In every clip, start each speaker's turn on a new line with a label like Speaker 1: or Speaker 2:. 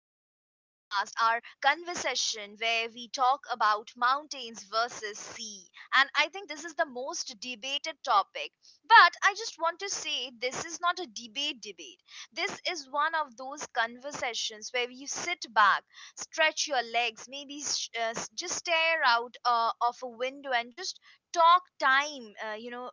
Speaker 1: our conversation where we talk about mountains versus sea. And I think this is the most debated topic. But I just want to say this is not a debate debate. This is one of those conversations where you sit back, stretch your legs, maybe just stare out of a window and just talk time,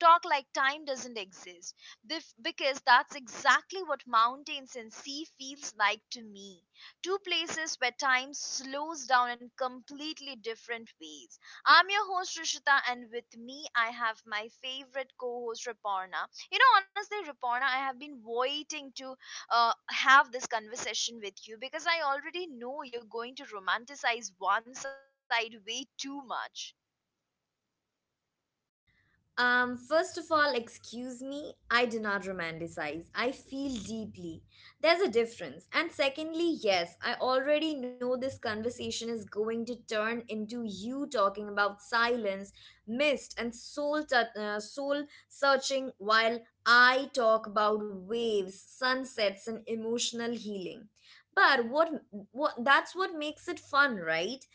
Speaker 1: talk like time doesn't exist because that's exactly what mountains and sea feels like to me, two places where time slows down in completely different ways. I'm your host Rishita, and with me I have my favorite co-host Raporna. You know, honestly, Raporna, I have been waiting to have this conversation with you because I already know you're going to romanticize one side way too much.
Speaker 2: First of all, excuse me, I do not romanticize. I feel deeply. There's a difference. And secondly, yes, I already know this conversation is going to turn into you talking about silence, mist, and soul, soul searching while I talk about waves, sunsets, and emotional healing. But what, what that's what makes it fun, right?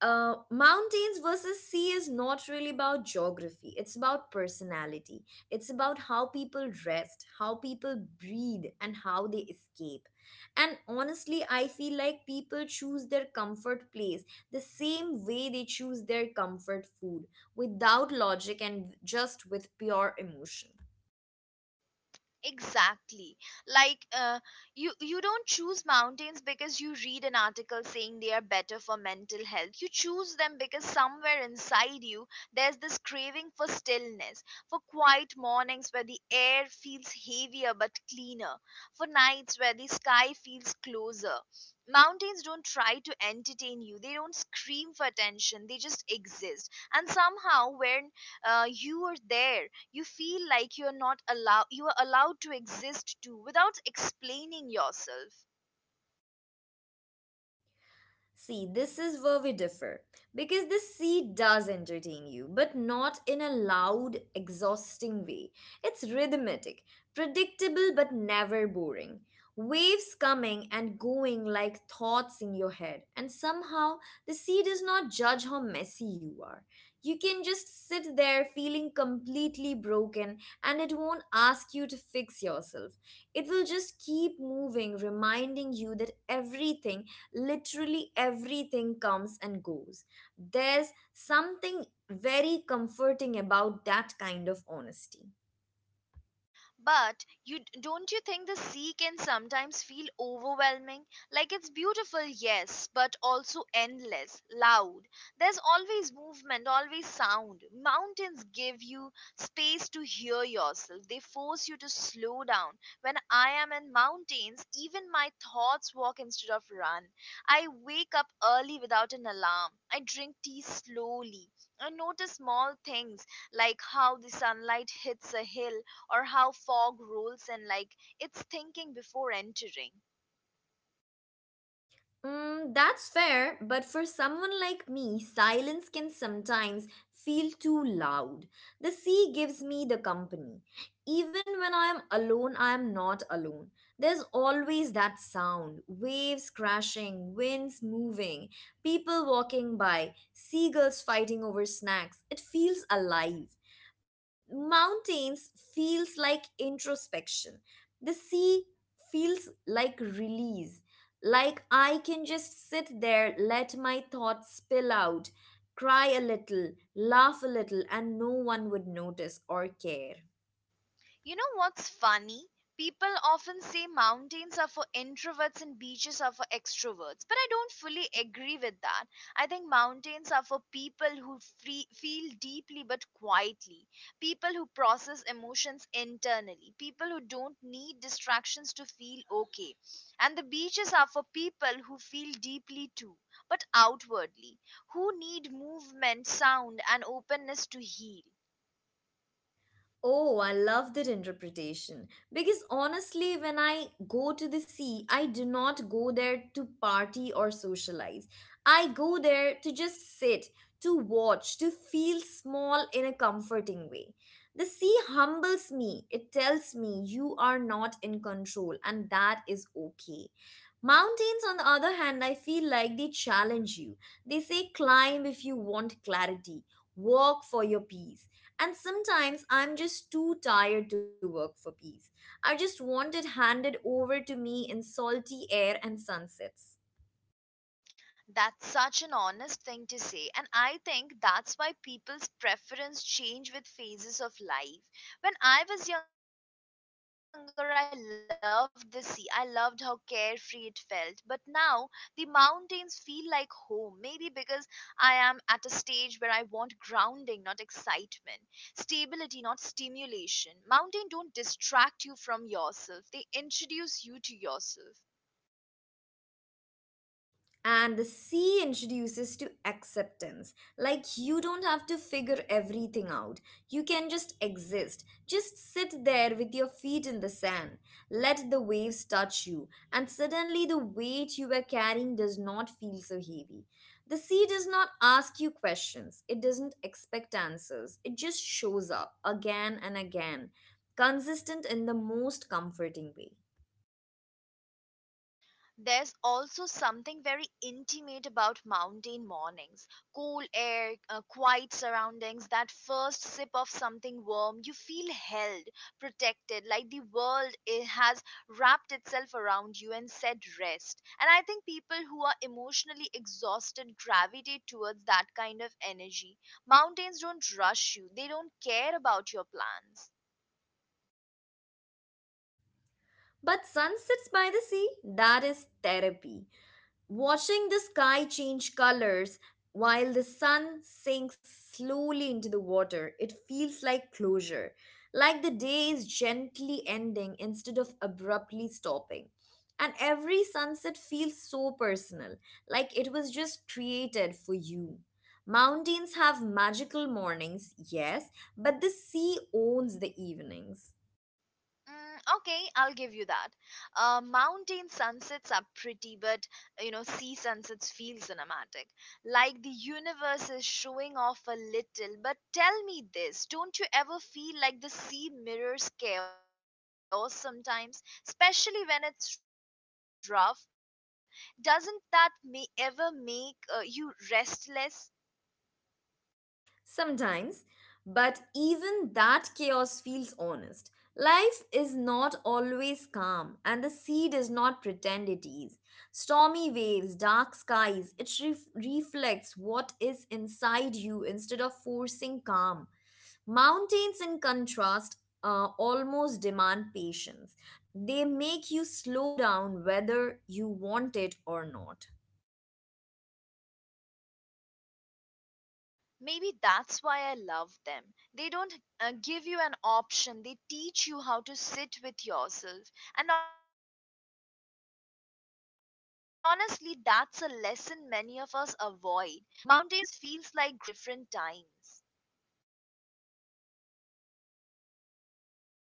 Speaker 2: Mountains versus sea is not really about geography. It's about personality. It's about how people rest, how people breathe, and how they escape. And honestly, I feel like people choose their comfort place the same way they choose their comfort food without logic and just with pure emotion.
Speaker 1: Exactly. Like, you don't choose mountains because you read an article saying they are better for mental health. You choose them because somewhere inside you there's this craving for stillness, for quiet mornings where the air feels heavier but cleaner, for nights where the sky feels closer. Mountains don't try to entertain you. They don't scream for attention. They just exist. And somehow when you are there, you feel like you're not allowed you are allowed to exist too without explaining yourself.
Speaker 2: See, this is where we differ. Because the sea does entertain you, but not in a loud, exhausting way. It's rhythmic, predictable, but never boring. Waves coming and going like thoughts in your head, and somehow the sea does not judge how messy you are. You can just sit there feeling completely broken, and it won't ask you to fix yourself. It will just keep moving, reminding you that everything literally everything comes and goes. There's something very comforting about that kind of honesty.
Speaker 1: But you don't you think the sea can sometimes feel overwhelming? Like it's beautiful, yes, but also endless, loud. There's always movement, always sound. Mountains give you space to hear yourself. They force you to slow down. When I am in mountains, even my thoughts walk instead of run. I wake up early without an alarm. I drink tea slowly. I notice small things, like how the sunlight hits a hill or how fog rules and like its thinking before entering.
Speaker 2: Mm, that's fair, but for someone like me, silence can sometimes feel too loud. The sea gives me the company. Even when I am alone, I am not alone. There's always that sound waves crashing, winds moving, people walking by, seagulls fighting over snacks. It feels alive. Mountains feels like introspection. The sea feels like release like I can just sit there, let my thoughts spill out, cry a little, laugh a little, and no one would notice or care.
Speaker 1: You know what's funny? People often say mountains are for introverts and beaches are for extroverts, but I don't fully agree with that. I think mountains are for people who feel deeply but quietly, people who process emotions internally, people who don't need distractions to feel okay. And the beaches are for people who feel deeply too, but outwardly, who need movement, sound, and openness to heal.
Speaker 2: Oh, I love that interpretation. Because honestly, when I go to the sea, I do not go there to party or socialize. I go there to just sit, to watch, to feel small in a comforting way. The sea humbles me. It tells me you are not in control, and that is okay. Mountains, on the other hand, I feel like they challenge you. They say climb if you want clarity, walk for your peace and sometimes I'm just too tired to work for peace. I just want it handed over to me in salty air and sunsets.
Speaker 1: That's such an honest thing to say, and I think that's why people's preference change with phases of life. When I was younger, I loved the sea. I loved how carefree it felt, but now the mountains feel like home. Maybe because I am at a stage where I want grounding, not excitement, stability, not stimulation. Mountain don't distract you from yourself. They introduce you to yourself.
Speaker 2: And the C introduces to acceptance. Like you don't have to figure everything out. You can just exist. Just sit there with your feet in the sand. Let the waves touch you. And suddenly the weight you were carrying does not feel so heavy. The sea does not ask you questions. It doesn't expect answers. It just shows up again and again, consistent in the most comforting way.
Speaker 1: There's also something very intimate about mountain mornings, cool air, quiet surroundings, that first sip of something warm. You feel held, protected, like the world has wrapped itself around you and said rest. And I think people who are emotionally exhausted gravitate towards that kind of energy. Mountains don't rush you, they don't care about your plans.
Speaker 2: But sunsets by the sea, that is therapy. Watching the sky change colors while the sun sinks slowly into the water, it feels like closure, like the day is gently ending instead of abruptly stopping. And every sunset feels so personal, like it was just created for you. Mountains have magical mornings, yes, but the sea owns the evenings.
Speaker 1: Mm, okay, I'll give you that. Mountain sunsets are pretty, but you know, sea sunsets feel cinematic. Like the universe is showing off a little. But tell me this, don't you ever feel like the sea mirrors chaos sometimes, especially when it's rough? Doesn't that may ever make you restless?
Speaker 2: Sometimes, but even that chaos feels honest. Life is not always calm, and the sea does not pretend it is. Stormy waves, dark skies, reflects what is inside you instead of forcing calm. Mountains, in contrast, almost demand patience. They make you slow down whether you want it or not.
Speaker 1: Maybe that's why I love them. They don't give you an option, they teach you how to sit with yourself. And honestly, that's a lesson many of us avoid. Mountains feels like growth, sea feels like healing, and both are necessary just at different times.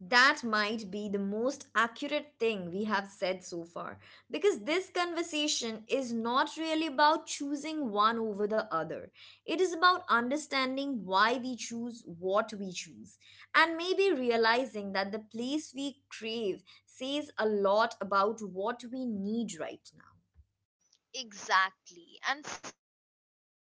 Speaker 2: That might be the most accurate thing we have said so far, because this conversation is not really about choosing one over the other. It is about understanding why we choose what we choose, and maybe realizing that the place we crave says a lot about what we need right now.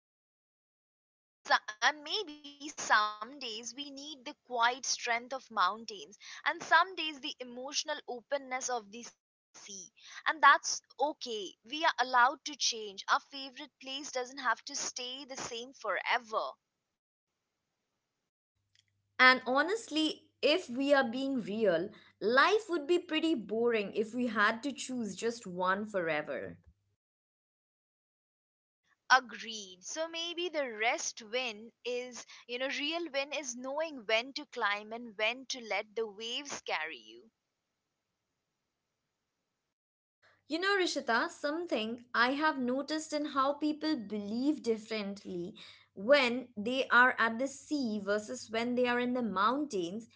Speaker 1: Exactly. And maybe some days we need the quiet strength of mountains, and some days the emotional openness of the sea. And that's okay. We are allowed to change. Our favorite place doesn't have to stay the same forever.
Speaker 2: And honestly, if we are being real, life would be pretty boring if we had to choose just one forever.
Speaker 1: Agreed. So maybe the rest win is, you know, real win is knowing when to climb and when to let the waves carry you.
Speaker 2: You know, Rishita, something I have noticed in how people believe differently when they are at the sea versus when they are in the mountains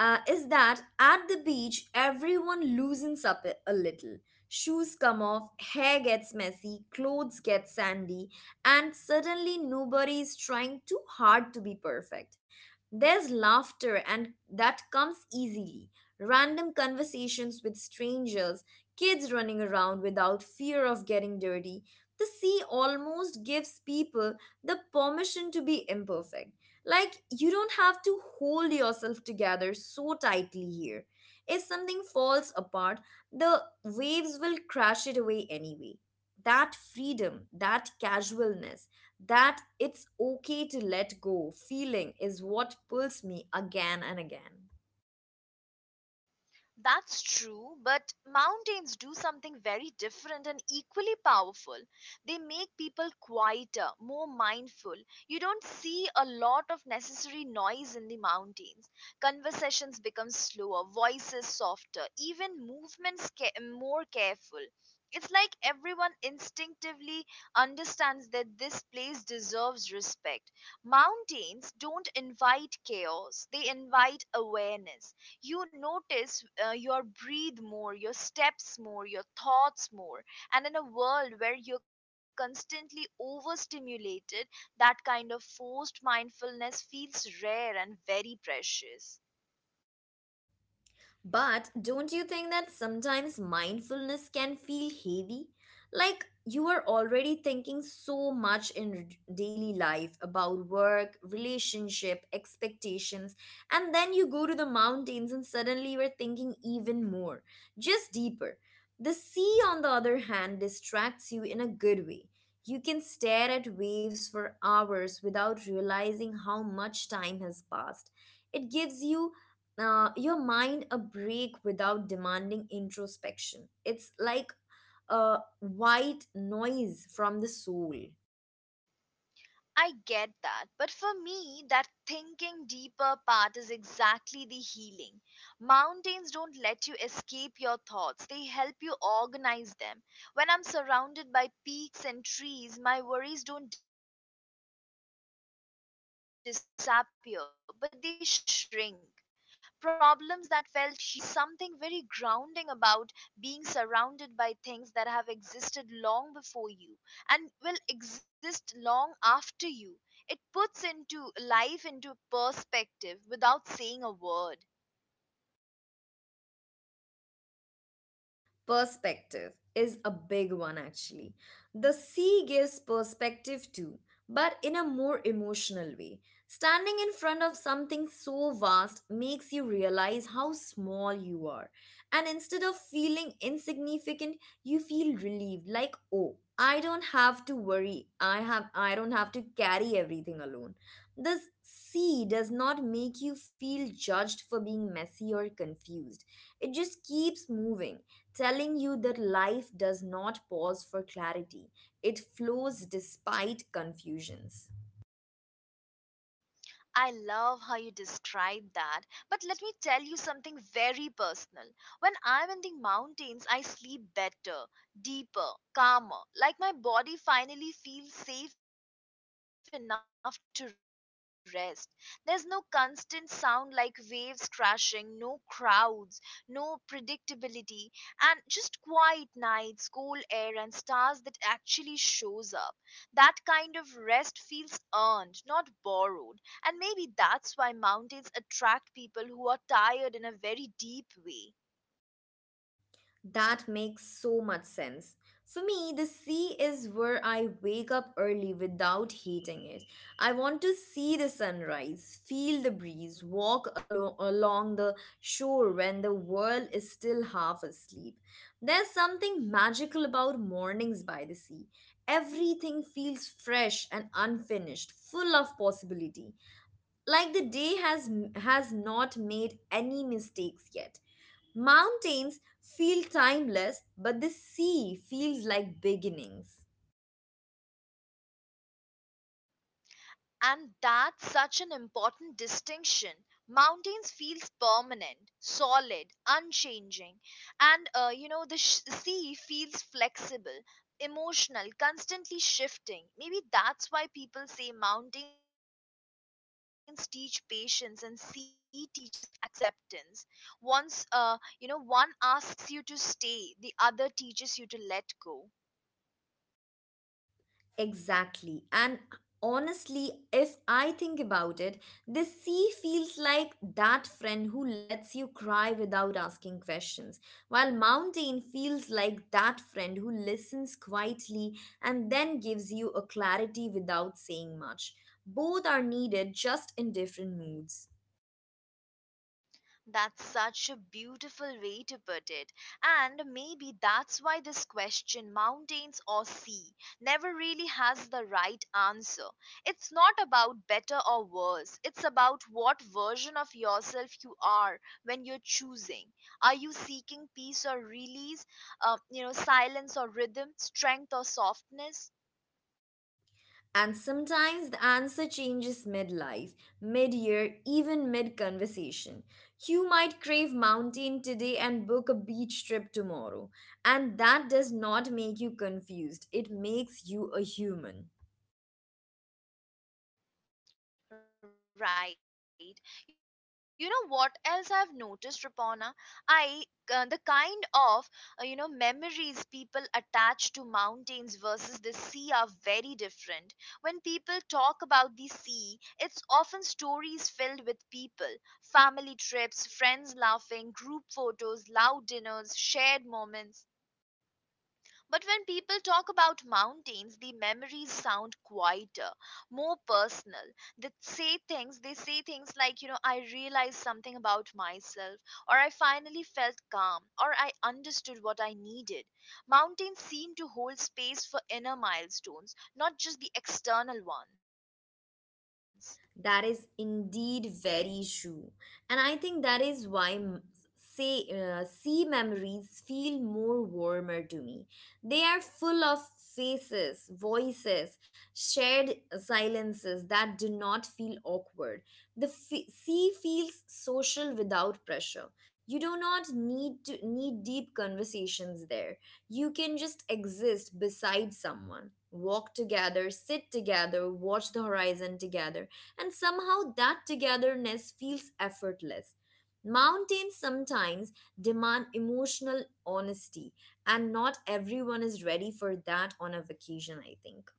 Speaker 2: is that at the beach, everyone loosens up a little. Shoes come off, hair gets messy, clothes get sandy, and suddenly nobody is trying too hard to be perfect. There's laughter, and that comes easily. Random conversations with strangers kids running around without fear of getting dirty. The sea almost gives people the permission to be imperfect. Like, you don't have to hold yourself together so tightly here. If something falls apart, the waves will crash it away anyway. That freedom, that casualness, that it's okay to let go feeling is what pulls me again and again.
Speaker 1: That's true, but mountains do something very different and equally powerful. They make people quieter, more mindful. You don't see a lot of necessary noise in the mountains. Conversations become slower, voices softer, even movements more careful. It's like everyone instinctively understands that this place deserves respect. Mountains don't invite chaos, they invite awareness. You notice your breathe more, your steps more, your thoughts more, and in a world where you're constantly overstimulated, that kind of forced mindfulness feels rare and very precious.
Speaker 2: But don't you think that sometimes mindfulness can feel heavy? Like you are already thinking so much in daily life about work, relationship, expectations, and then you go to the mountains and suddenly you're thinking even more, just deeper. The sea, on the other hand, distracts you in a good way. You can stare at waves for hours without realizing how much time has passed. It gives you your mind a break without demanding introspection. It's like a white noise from the soul.
Speaker 1: I get that. But for me, that thinking deeper part is exactly the healing. Mountains don't let you escape your thoughts, they help you organize them. When I'm surrounded by peaks and trees, my worries don't disappear, but they shrink. Problems that felt huge in the city suddenly feels manageable. And there's something very grounding about being surrounded by things that have existed long before you and will exist long after you. It puts into life into perspective without saying a word.
Speaker 2: Perspective is a big one, actually. The sea gives perspective too, but in a more emotional way. Standing in front of something so vast makes you realize how small you are. And instead of feeling insignificant, you feel relieved like, oh, I don't have to worry. I don't have to carry everything alone. The sea does not make you feel judged for being messy or confused. It just keeps moving telling you that life does not pause for clarity, it flows despite confusions.
Speaker 1: I love how you describe that. But let me tell you something very personal. When I'm in the mountains, I sleep better, deeper, calmer. Like my body finally feels safe enough to rest. There's no constant sound like waves crashing, no crowds, no predictability, and just quiet nights, cool air and stars that actually shows up. That kind of rest feels earned, not borrowed, and maybe that's why mountains attract people who are tired in a very deep way.
Speaker 2: That makes so much sense. For me, the sea is where I wake up early without hating it. I want to see the sunrise, feel the breeze, along the shore when the world is still half asleep. There's something magical about mornings by the sea. Everything feels fresh and unfinished, full of possibility. Like the day has not made any mistakes yet. Mountains feel timeless but the sea feels like beginnings.
Speaker 1: And that's such an important distinction. Mountains feels permanent, solid, unchanging, and the sea feels flexible, emotional, constantly shifting. Maybe that's why people say mountains teach patience and sea teaches acceptance. Once one asks you to stay, the other teaches you to let go.
Speaker 2: Exactly. And honestly, if I think about it, the sea feels like that friend who lets you cry without asking questions, while mountain feels like that friend who listens quietly and then gives you a clarity without saying much. Both are needed just in different moods.
Speaker 1: That's such a beautiful way to put it. And maybe that's why this question, mountains or sea, never really has the right answer. It's not about better or worse, it's about what version of yourself you are when you're choosing. Are you seeking peace or release, silence or rhythm, strength or softness?
Speaker 2: And sometimes the answer changes mid-life, mid year, even mid conversation. You might crave mountain today and book a beach trip tomorrow. And that does not make you confused, it makes you a human.
Speaker 1: Right. You know what else I've noticed, Rapona? I The kind of memories people attach to mountains versus the sea are very different. When people talk about the sea, it's often stories filled with people, family trips, friends laughing, group photos, loud dinners, shared moments. But when people talk about mountains, the memories sound quieter, more personal. They say things like, you know, I realized something about myself, or I finally felt calm, or I understood what I needed. Mountains seem to hold space for inner milestones, not just the external ones.
Speaker 2: That is indeed very true. And I think that is why m- say sea memories feel more warmer to me. They are full of faces, voices, shared silences that do not feel awkward. The sea feels social without pressure. You do not need to need deep conversations there. You can just exist beside someone, walk together, sit together, watch the horizon together and somehow that togetherness feels effortless. Mountains sometimes demand emotional honesty, and not everyone is ready for that on a vacation, I think.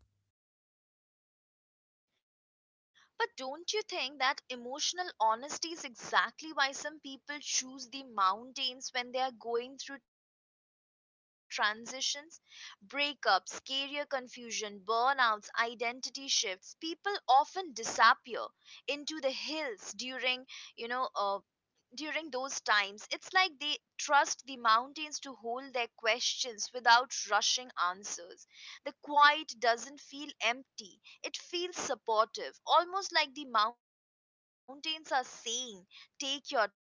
Speaker 1: But don't you think that emotional honesty is exactly why some people choose the mountains when they are going through transitions? Breakups, career confusion, burnouts, identity shifts. People often disappear into the hills you know, uh, during those times. It's like they trust the mountains to hold their questions without rushing answers. The quiet doesn't feel empty, it feels supportive, almost like the mountains are saying, take your time, I'm not going anywhere.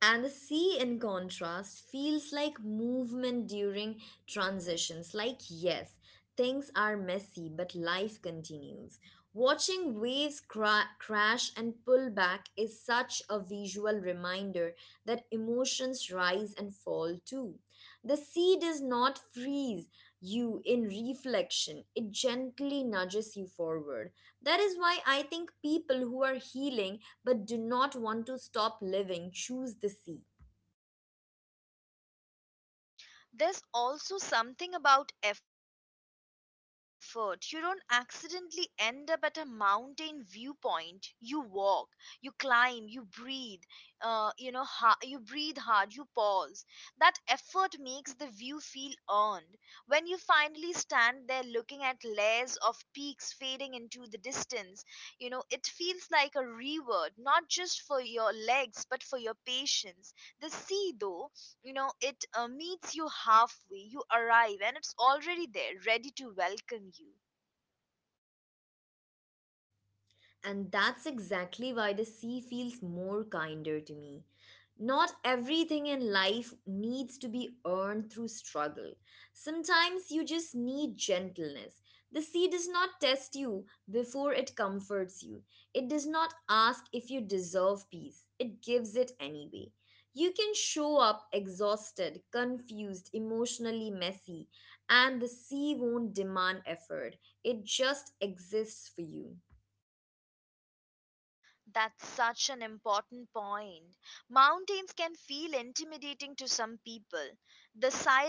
Speaker 2: And the sea, in contrast, feels like movement during transitions. Like, yes, things are messy, but life continues. Watching crash and pull back is such a visual reminder that emotions rise and fall too. The sea does not freeze you in reflection, it gently nudges you forward. That is why I think people who are healing but do not want to stop living, choose the sea.
Speaker 1: There's also something about effort. You don't accidentally end up at a mountain viewpoint. You walk, you climb, you breathe. You breathe hard, you pause. That effort makes the view feel earned. When you finally stand there looking at layers of peaks fading into the distance, you know, it feels like a reward, not just for your legs, but for your patience. The sea, though, you know, it meets you halfway. You arrive and it's already there, ready to welcome you.
Speaker 2: And that's exactly why the sea feels more kinder to me. Not everything in life needs to be earned through struggle. Sometimes you just need gentleness. The sea does not test you before it comforts you. It does not ask if you deserve peace, it gives it anyway. You can show up exhausted, confused, emotionally messy, and the sea won't demand effort. It just exists for you.
Speaker 1: That's such an important point. Mountains can feel intimidating to some people.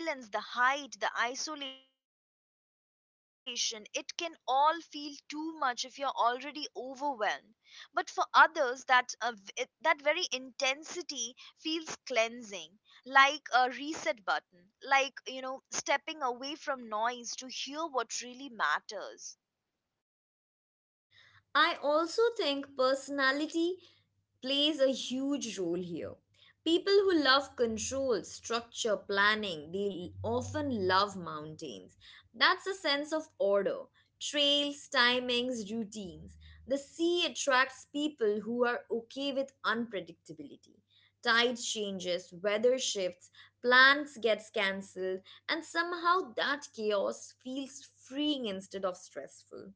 Speaker 1: The silence, the height, the isolation, it can all feel too much if you're already overwhelmed. But for others, that very intensity feels cleansing, like a reset button, like, you know, stepping away from noise to hear what really matters.
Speaker 2: I also think personality plays a huge role here. People who love control, structure, planning, they often love mountains. That's a sense of order, trails, timings, routines. The sea attracts people who are okay with unpredictability. Tide changes, weather shifts, plans gets cancelled, and somehow that chaos feels freeing instead of stressful.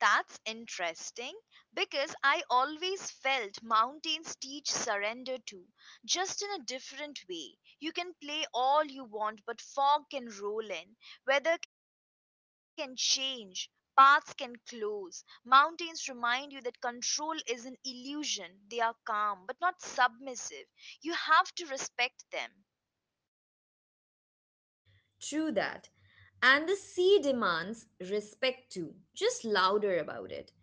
Speaker 1: That's interesting because I always felt mountains teach surrender too, just in a different way. You can play all you want, but fog can roll in, weather can change, paths can close. Mountains remind you that control is an illusion. They are calm, but not submissive. You have to respect them.
Speaker 2: True that. And the sea demands respect too, just louder about it.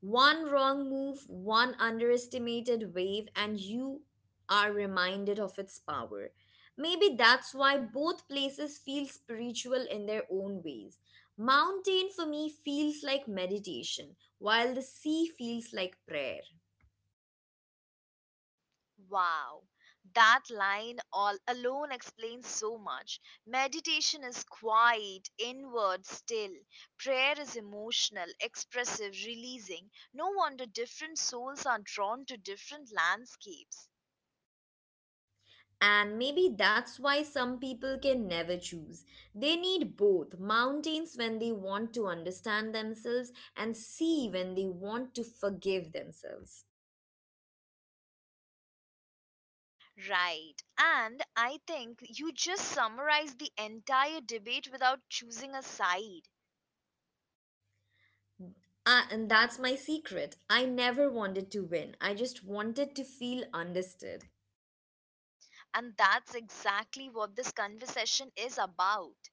Speaker 2: One wrong move, one underestimated wave, and you are reminded of its power. Maybe that's why both places feel spiritual in their own ways. Mountain for me feels like meditation, while the sea feels like prayer.
Speaker 1: Wow, that line all alone explains so much. Meditation is quiet, inward, still. Prayer is emotional, expressive, releasing. No wonder different souls are drawn to different landscapes.
Speaker 2: And maybe that's why some people can never choose. They need both mountains when they want to understand themselves and sea when they want to forgive themselves.
Speaker 1: Right, and I think you just summarized the entire debate without choosing a side.
Speaker 2: Ah, and that's my secret. I never wanted to win, I just wanted to feel understood.
Speaker 1: And that's exactly what this conversation is about.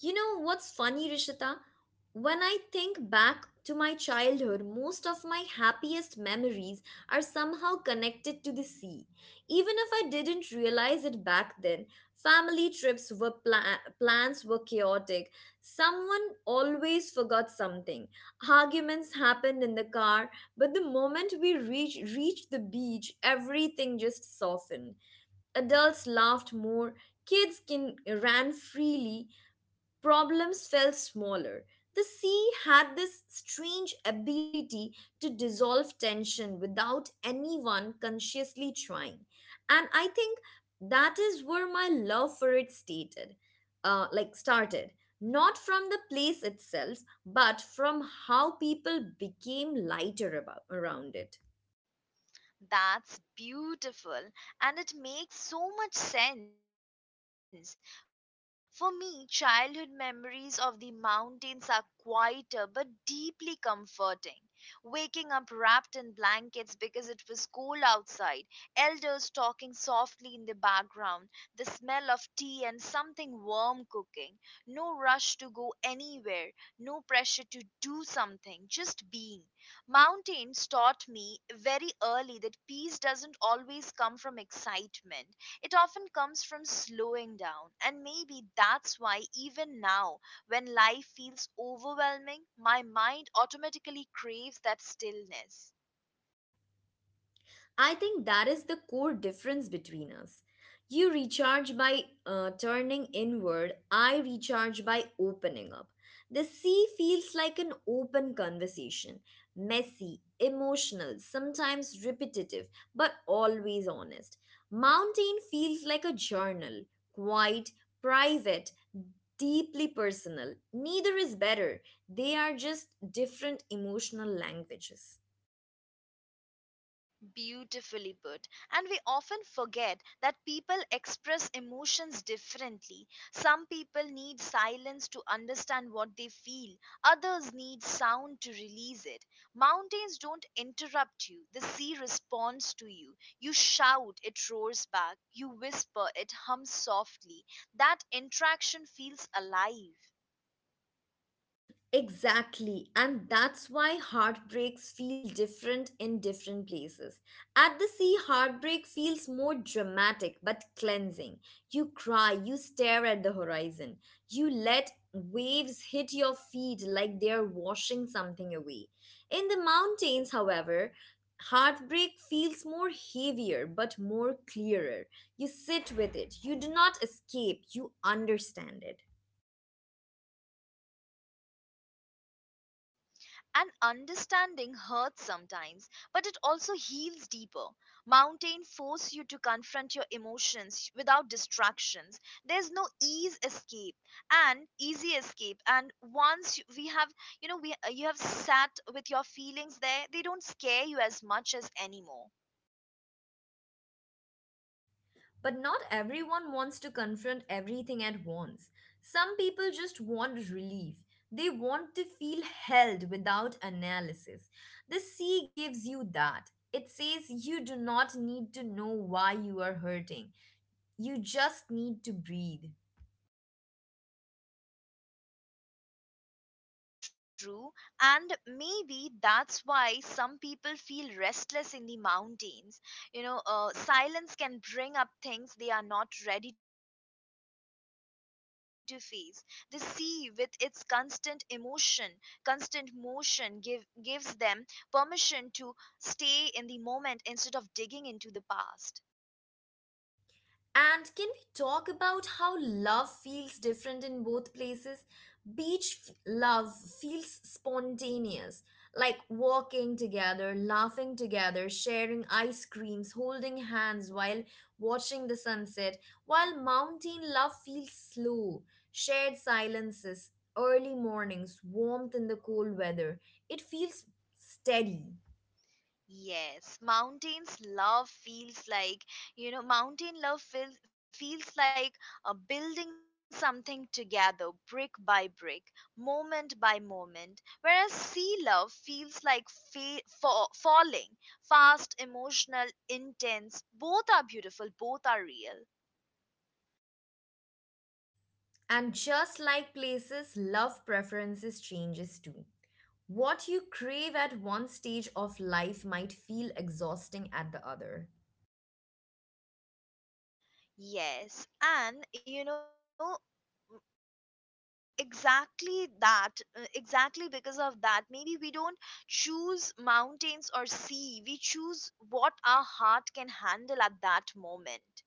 Speaker 2: You know what's funny, Rishita? When I think back to my childhood, most of my happiest memories are somehow connected to the sea. Even if I didn't realize it back then, family trips plans were chaotic. Someone always forgot something. Arguments happened in the car, but the moment reached the beach, everything just softened. Adults laughed more, kids kin- ran freely, problems felt smaller. The sea had this strange ability to dissolve tension without anyone consciously trying. And I think that is where my love for it stated, like started. Not from the place itself, but from how people became lighter around it.
Speaker 1: That's beautiful and it makes so much sense. For me, childhood memories of the mountains are quieter but deeply comforting. Waking up wrapped in blankets because it was cold outside, elders talking softly in the background, the smell of tea and something warm cooking, no rush to go anywhere, no pressure to do something, just being. Mountains taught me very early that peace doesn't always come from excitement. It often comes from slowing down. And maybe that's why, even now, when life feels overwhelming, my mind automatically craves that stillness.
Speaker 2: I think that is the core difference between us. You recharge by turning inward, I recharge by opening up. The sea feels like an open conversation, messy, emotional, sometimes repetitive, but always honest. Mountain feels like a journal, quiet, private, deeply personal. Neither is better, they are just different emotional languages.
Speaker 1: Beautifully put. And we often forget that people express emotions differently. Some people need silence to understand what they feel, others need sound to release it. Mountains don't interrupt you, the sea responds to you. You shout, it roars back. You whisper, it hums softly. That interaction feels alive.
Speaker 2: Exactly, and that's why heartbreaks feel different in different places. At the sea, heartbreak feels more dramatic but cleansing. You cry, you stare at the horizon, you let waves hit your feet like they're washing something away. In the mountains, however, heartbreak feels more heavier but more clearer. You sit with it, you do not escape, you understand it.
Speaker 1: And understanding hurts sometimes, but it also heals deeper. Mountain force you to confront your emotions without distractions. There's no ease escape and easy escape. And once you- we have, you know, we you have sat with your feelings there, they don't scare you as much as anymore.
Speaker 2: But not everyone wants to confront everything at once. Some people just want relief. They want to feel held without analysis. The sea gives you that. It says you do not need to know why you are hurting. You just need to breathe.
Speaker 1: Right. That's true. And maybe that's why some people feel restless in the mountains. Silence can bring up things they are not ready to face. The sea, with its constant emotion, constant motion, gives them permission to stay in the moment instead of digging into the past.
Speaker 2: And can we talk about how love feels different in both places? Love feels spontaneous, like walking together, laughing together, sharing ice creams, holding hands while watching the sunset, while mountain love feels slow, shared silences, early mornings, warmth in the cold weather. It feels steady.
Speaker 1: Yes, mountain love feels like building something together, brick by brick, moment by moment. Whereas sea love feels like falling, fast, emotional, intense. Both are beautiful, both are real.
Speaker 2: And just like places, love preferences changes too. What you crave at one stage of life might feel exhausting at the other.
Speaker 1: Yes, and exactly because of that maybe we don't choose mountains or sea, we choose what our heart can handle at that moment.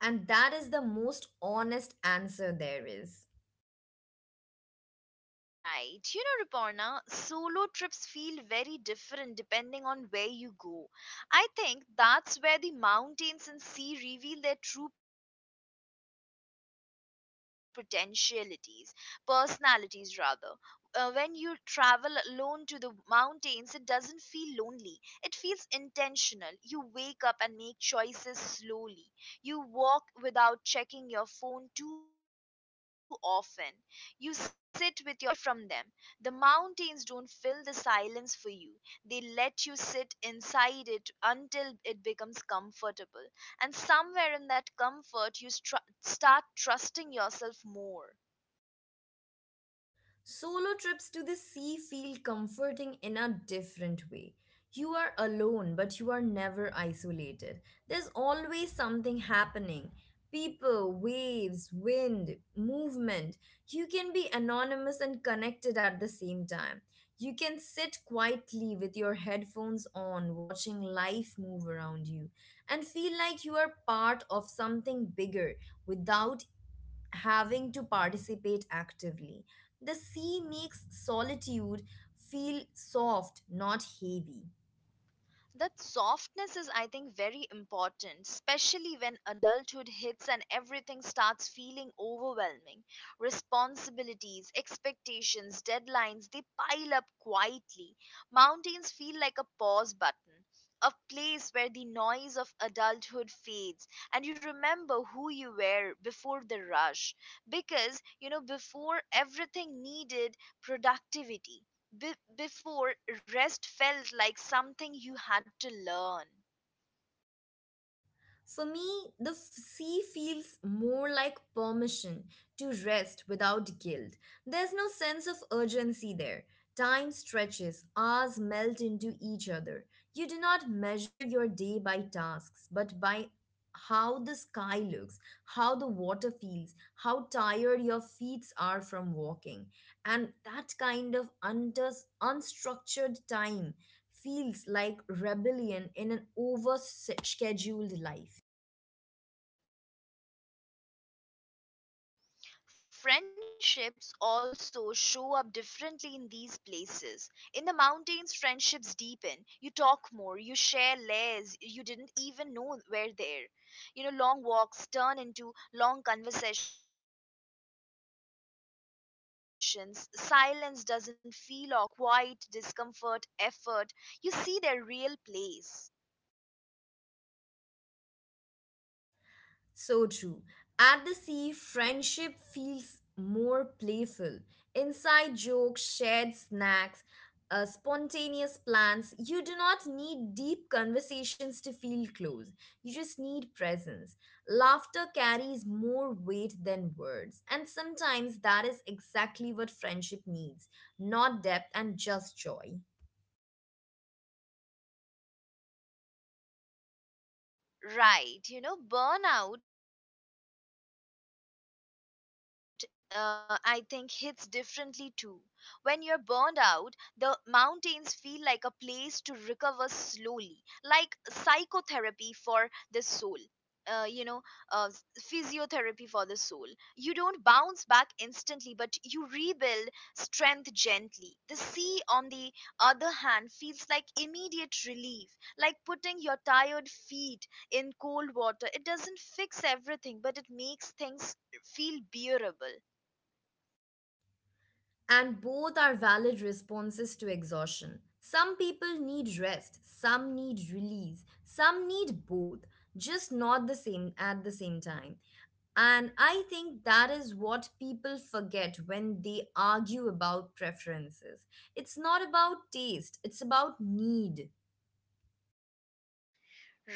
Speaker 2: And that is the most honest answer there is.
Speaker 1: Right. You know, Ruparna, solo trips feel very different depending on where you go. I think that's where the mountains and sea reveal their personalities rather. When you travel alone to the mountains, it doesn't feel lonely. It feels intentional. You wake up and make choices slowly. You walk without checking your phone too often. You sit with your thoughts because there's nothing pers- pushing you away from them. The mountains don't fill the silence for you, they let you sit inside it until it becomes comfortable. And somewhere in that comfort, you start trusting yourself more.
Speaker 2: Solo trips to the sea feel comforting in a different way. You are alone, but you are never isolated. There's always something happening, people, waves, wind, movement. You can be anonymous and connected at the same time. You can sit quietly with your headphones on, watching life move around you, and feel like you are part of something bigger without having to participate actively. The sea makes solitude feel soft, not heavy.
Speaker 1: That softness is, I think, very important, especially when adulthood hits and everything starts feeling overwhelming. Responsibilities, expectations, deadlines, they pile up quietly. Mountains feel like a pause button, a place where the noise of adulthood fades and you remember who you were before the rush. Because, you know, before everything needed productivity, before, rest felt like something you had to learn.
Speaker 2: For me, the sea feels more like permission to rest without guilt. There's no sense of urgency there. Time stretches, hours melt into each other. You do not measure your day by tasks, but by how the sky looks, how the water feels, how tired your feet are from walking. And that kind of unders unstructured time feels like rebellion in an over scheduled life.
Speaker 1: Friendships also show up differently in these places. In the mountains, friendships deepen. You talk more, you share layers you didn't even know were there. You know, long walks turn into long conversations. Silence doesn't feel awkward, it feels intimate. You learn how someone handles quiet, discomfort, effort. You see their real place.
Speaker 2: So true. At the sea, friendship feels more playful. Inside jokes, shared snacks, spontaneous plans. You do not need deep conversations to feel close. You just need presence. Laughter carries more weight than words. And sometimes that is exactly what friendship needs, not depth and just joy.
Speaker 1: Right. You know, I think, hits differently too. When you're burned out, the mountains feel like a place to recover slowly, like psychotherapy for the soul you know s- physiotherapy for the soul. You don't bounce back instantly, but you rebuild strength gently. The sea, on the other hand, feels like immediate relief, like putting your tired feet in cold water. It doesn't fix everything, but it makes things feel bearable.
Speaker 2: And both are valid responses to exhaustion. Some people need rest, some need release, some need both, just not the same at the same time. And I think that is what people forget when they argue about preferences. It's not about taste, it's about need.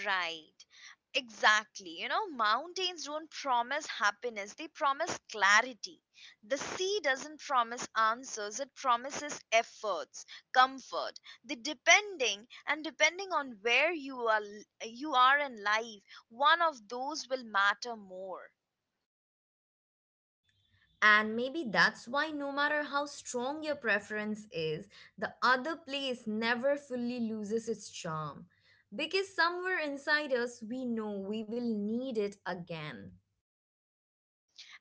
Speaker 1: Right. Exactly. You know, mountains don't promise happiness, they promise clarity. The sea doesn't promise answers, it promises efforts, comfort. The depending and Depending on where you are in life, one of those will matter more.
Speaker 2: And maybe that's why, no matter how strong your preference is, the other place never fully loses its charm. Because somewhere inside us, we know we will need it again.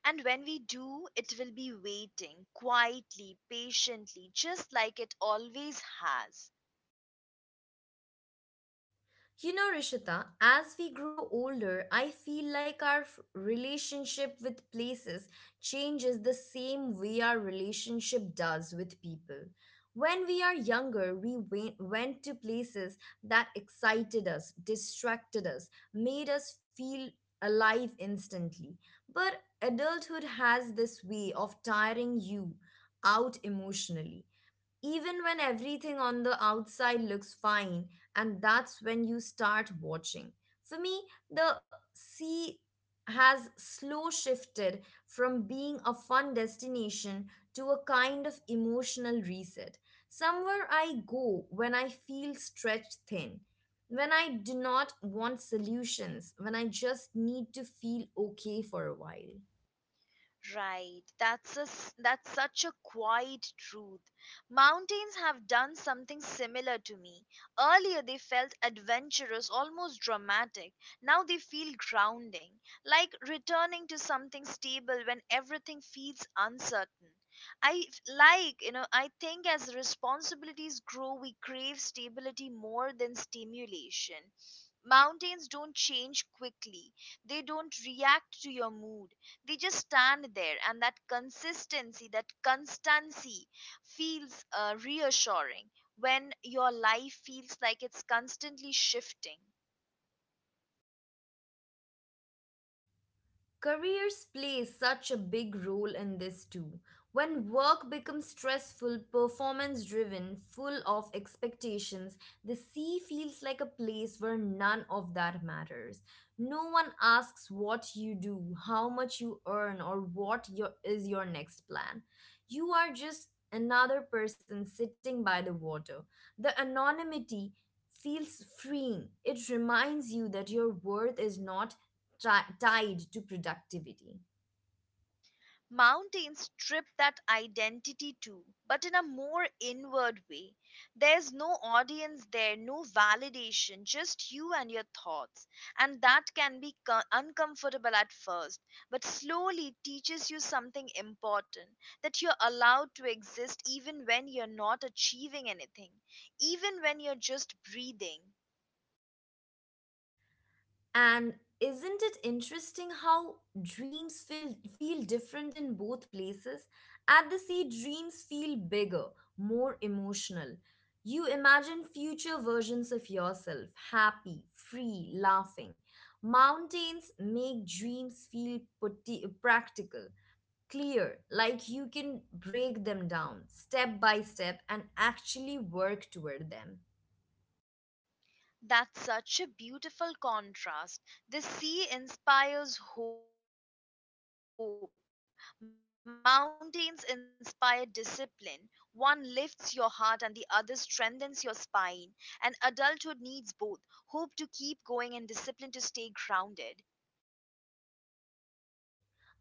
Speaker 1: And when we do, it will be waiting quietly, patiently, just like it always has.
Speaker 2: You know, Rishita, as we grow older, I feel like our relationship with places changes the same way our relationship does with people. When we are younger, we went to places that excited us, distracted us, made us feel alive instantly. But adulthood has this way of tiring you out emotionally even when everything on the outside looks fine, and that's when you start watching. For me, the sea has slow shifted from being a fun destination to a kind of emotional reset. Somewhere I go when I feel stretched thin, when I do not want solutions, when I just need to feel okay for a while.
Speaker 1: Right. That's such a quiet truth. Mountains have done something similar to me. Earlier they felt adventurous, almost dramatic. Now they feel grounding, like returning to something stable when everything feels uncertain. I f- like, you know, I think as responsibilities grow, we crave stability more than stimulation. Mountains don't change quickly. They don't react to your mood, they just stand there, and that consistency that constancy feels reassuring when your life feels like it's constantly shifting.
Speaker 2: Careers play such a big role in this too. When work becomes stressful, performance driven, full of expectations, the sea feels like a place where none of that matters. No one asks what you do, how much you earn, or what your, is your next plan. You are just another person sitting by the water. The anonymity feels freeing. It reminds you that your worth is not tied to productivity.
Speaker 1: Mountains strip that identity too, but in a more inward way. There's no audience there, no validation, just you and your thoughts. And that can be uncomfortable at first, but slowly teaches you something important: that you're allowed to exist even when you're not achieving anything, even when you're just breathing.
Speaker 2: And isn't it interesting how dreams feel different in both places? At the sea, dreams feel bigger, more emotional. You imagine future versions of yourself, happy, free, laughing. Mountains make dreams feel practical, clear, like you can break them down step by step and actually work toward them.
Speaker 1: That's such a beautiful contrast. The sea inspires hope, mountains inspire discipline. One lifts your heart and the other strengthens your spine. And adulthood needs both: hope to keep going and discipline to stay grounded.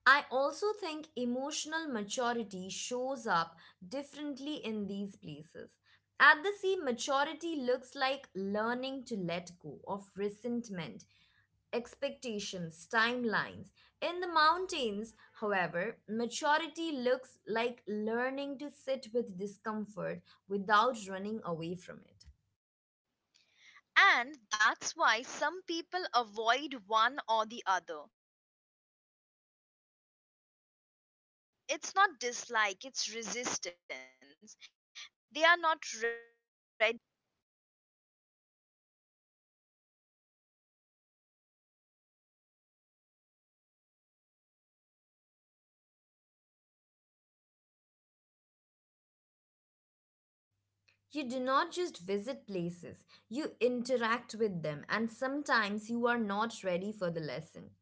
Speaker 2: I also think emotional maturity shows up differently in these places. At the sea, maturity looks like learning to let go of resentment, expectations, timelines. In the mountains, however, maturity looks like learning to sit with discomfort without running away from it.
Speaker 1: And that's why some people avoid one or the other. It's not dislike, it's resistance. They are not ready for what uh, that place might teach them.
Speaker 2: You do not just visit places, you interact with them, and sometimes you are not ready for the lesson.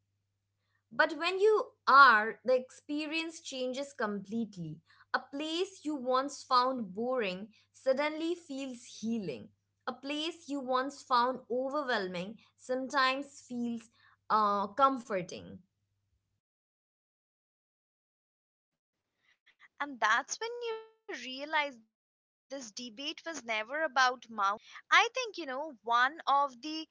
Speaker 2: But when you are, the experience changes completely. A place you once found boring suddenly feels healing. A place you once found overwhelming sometimes feels comforting.
Speaker 1: And that's when you realize this debate was never about mountains versus sea. It was always about timing. I think, you know, one of the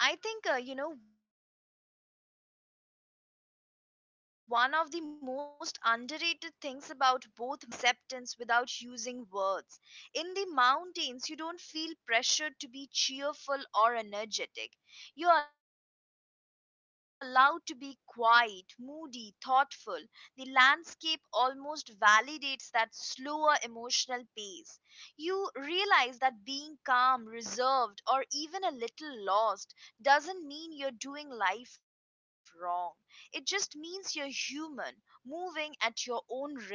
Speaker 1: I think, one of the most underrated things about both mountains and sea is how they teach us self acceptance without using words. In the mountains, you don't feel pressured to be cheerful or energetic. You're allowed to be quiet, moody, thoughtful. The landscape almost validates that slower emotional pace. You realize that being calm, reserved, or even a little lost doesn't mean you're doing life wrong. It just means you're human, moving at your own rhythm.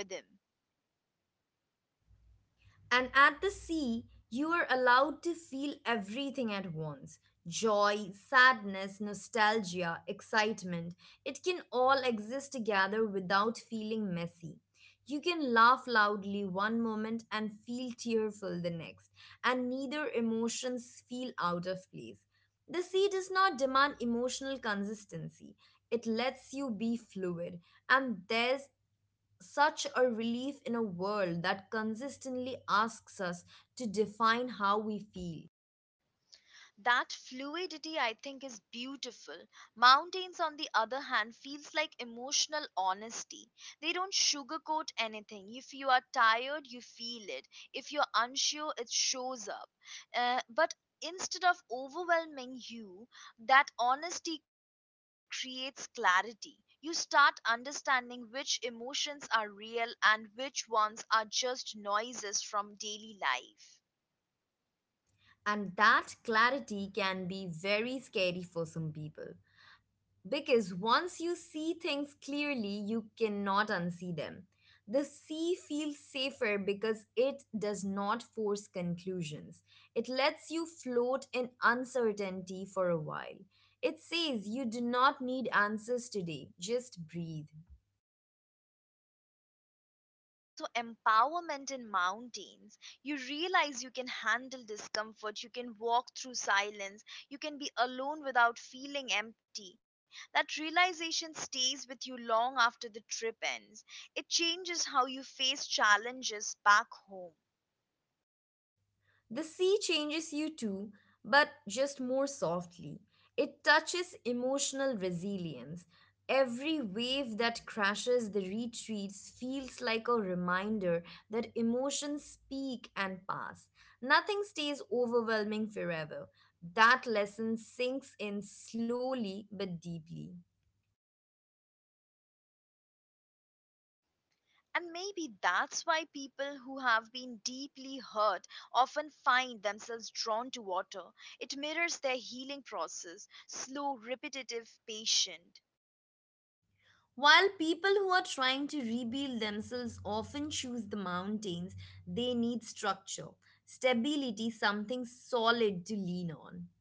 Speaker 2: And at the sea, you are allowed to feel everything at once, joy, sadness, nostalgia, excitement. It can all exist together without feeling messy. You can laugh loudly one moment and feel tearful the next, and neither emotions feel out of place. The sea does not demand emotional consistency. It lets you be fluid, and there's such a relief in a world that consistently asks us to define how we feel.
Speaker 1: That fluidity, I think, is beautiful. Mountains, on the other hand, feels like emotional honesty. They don't sugarcoat anything. If you are tired, you feel it. If you're unsure, it shows up. But instead of overwhelming you, that honesty creates clarity. You start understanding which emotions are real and which ones are just noises from daily life.
Speaker 2: And that clarity can be very scary for some people. Because once you see things clearly, you cannot unsee them. The sea feels safer because it does not force conclusions. It lets you float in uncertainty for a while. It says you do not need answers today, just breathe.
Speaker 1: But there's also empowerment in mountains. You realize you can handle discomfort, you can walk through silence, you can be alone without feeling empty. That realization stays with you long after the trip ends. It changes how you face challenges back home.
Speaker 2: The sea changes you too, but just more softly. It touches emotional resilience. Every wave that crashes the retreats feels like a reminder that emotions speak and pass. Nothing stays overwhelming forever. That lesson sinks in slowly but deeply.
Speaker 1: And maybe that's why people who have been deeply hurt often find themselves drawn to water. It mirrors their healing process: slow, repetitive, patient.
Speaker 2: While people who are trying to rebuild themselves often choose the mountains, they need structure, stability, something solid to lean on.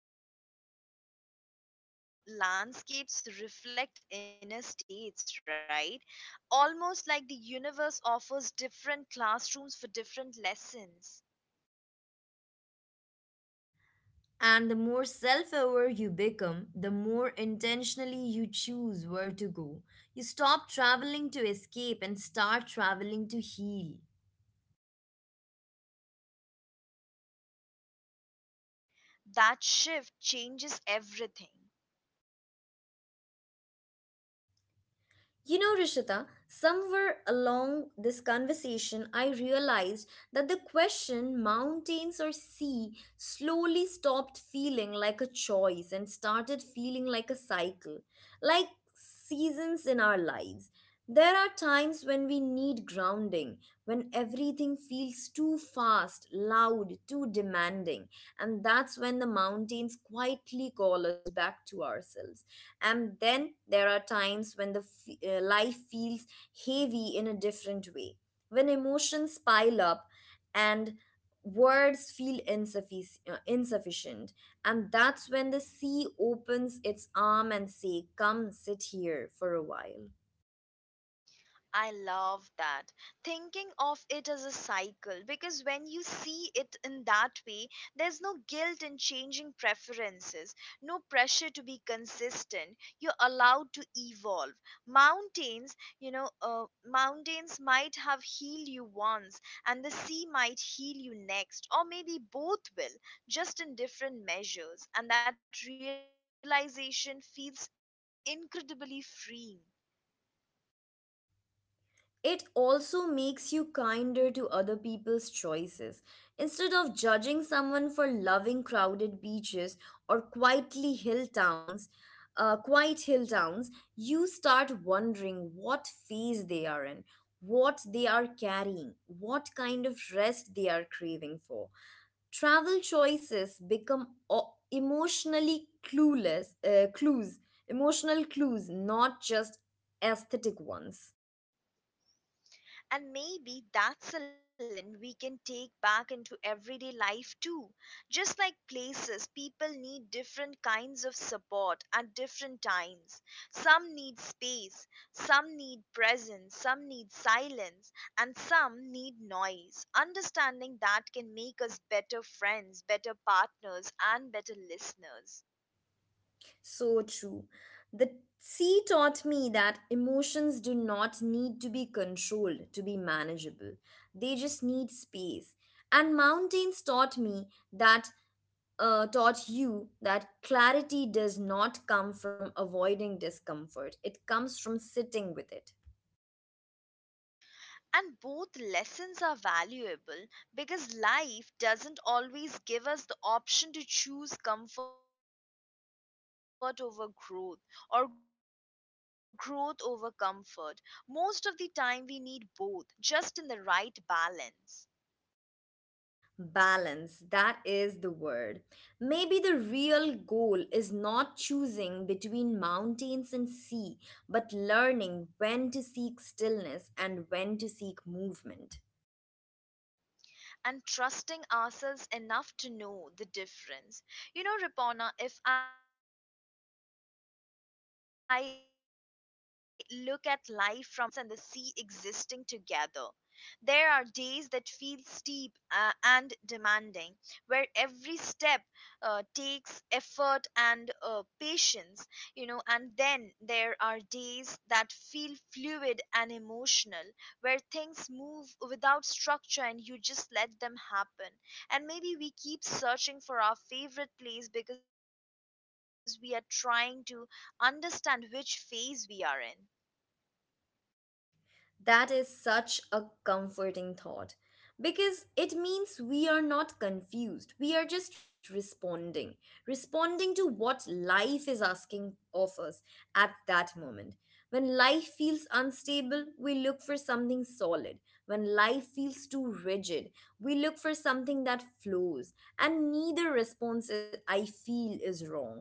Speaker 1: It's fascinating how landscapes reflect inner states, right? Almost like the universe offers different classrooms for different lessons.
Speaker 2: And the more self aware you become, the more intentionally you choose where to go. You stop traveling to escape and start traveling to heal.
Speaker 1: That shift changes everything.
Speaker 2: You know, Rishita, somewhere along this conversation, I realized that the question mountains or sea slowly stopped feeling like a choice and started feeling like a cycle, like seasons in our lives. There are times when we need grounding, when everything feels too fast, loud, too demanding, and that's when the mountains quietly call us back to ourselves. And then there are times when the life feels heavy in a different way, when emotions pile up and words feel insufficient, and that's when the sea opens its arm and say come sit here for a while.
Speaker 1: I love that. Thinking of it as a cycle, because when you see it in that way, there's no guilt in changing preferences, no pressure to be consistent. You're allowed to evolve. Mountains might have healed you once, and the sea might heal you next, or maybe both will, just in different measures. And that realization feels incredibly freeing.
Speaker 2: It also makes you kinder to other people's choices. Instead of judging someone for loving crowded beaches or quiet hill towns, you start wondering what phase they are in, what they are carrying, what kind of rest they are craving for. Travel choices become o- emotionally clueless clues, emotional clues, not just aesthetic ones.
Speaker 1: And maybe that's a lesson we can take back into everyday life too. Just like places, people need different kinds of support at different times. Some need space, some need presence, some need silence, and some need noise. Understanding that can make us better friends, better partners, and better listeners.
Speaker 2: So true. The sea taught me that emotions do not need to be controlled to be manageable, they just need space. And mountains taught me that. Taught you that clarity does not come from avoiding discomfort. It comes from sitting with it.
Speaker 1: And both lessons are valuable, because life doesn't always give us the option to choose comfort over growth or growth over comfort. Most of the time, we need both, just in the right balance.
Speaker 2: Balance, that is the word. Maybe the real goal is not choosing between mountains and sea, but learning when to seek stillness and when to seek movement.
Speaker 1: And trusting ourselves enough to know the difference. You know, Ripona, if I look at life from a distance, it actually feels a lot like both mountains and the sea existing together. There are days that feel steep and demanding, where every step takes effort and patience, you know, and then there are days that feel fluid and emotional, where things move without structure and you just let them happen. And maybe we keep searching for our favorite place because we are trying to understand which phase we are in.
Speaker 2: That is such a comforting thought because it means we are not confused. We are just responding, responding to what life is asking of us at that moment. When life feels unstable, we look for something solid. When life feels too rigid, we look for something that flows. And neither response, I feel, is wrong.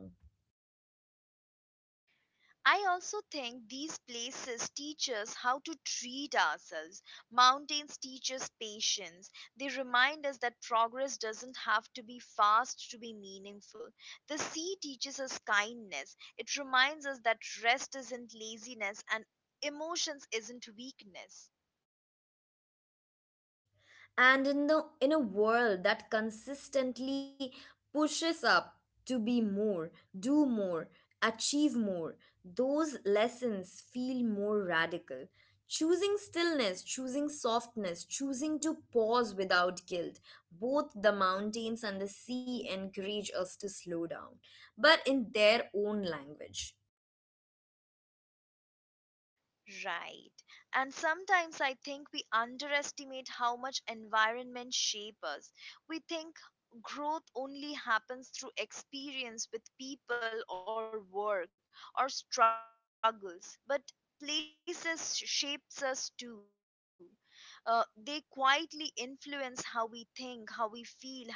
Speaker 1: I also think these places teach us how to treat ourselves. Mountains teach us patience. They remind us that progress doesn't have to be fast to be meaningful. The sea teaches us kindness. It reminds us that rest isn't laziness and emotions isn't weakness.
Speaker 2: And in the in a world that consistently pushes up to be more, do more, achieve more, those lessons feel more radical, choosing stillness, choosing softness, choosing to pause without guilt, both the mountains and the sea encourage us to slow down but in their own language.
Speaker 1: Right. And sometimes I think we underestimate how much environment shape us. We think growth only happens through experience with people or work or struggles, but places shapes us too. They quietly influence how we think, how we feel, how we process life.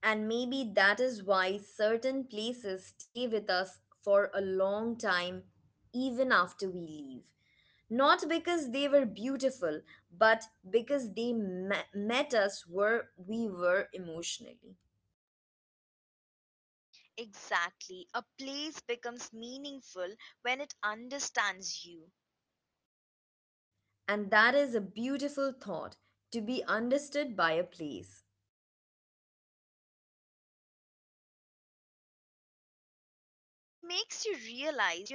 Speaker 2: And maybe that is why certain places stay with us for a long time, even after we leave. Not because they were beautiful, but because they met us where we were emotionally.
Speaker 1: Exactly. A place becomes meaningful when it understands you.
Speaker 2: And that is a beautiful thought, to be understood by a place.
Speaker 1: It makes you realize you're not as alone as you sometimes feel.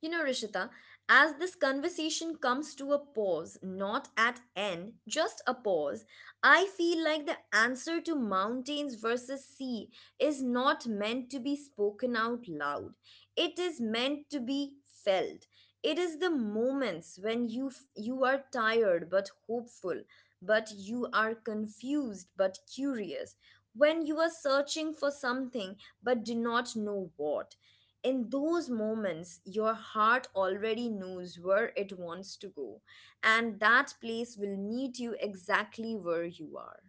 Speaker 2: You know, Rishita, as this conversation comes to a pause, not at end, just a pause, I feel like the answer to mountains versus sea is not meant to be spoken out loud. It is meant to be felt. It is the moments when you are tired but hopeful, but you are confused but curious, when you are searching for something but do not know what in those moments, your heart already knows where it wants to go, and that place will meet you exactly where you are.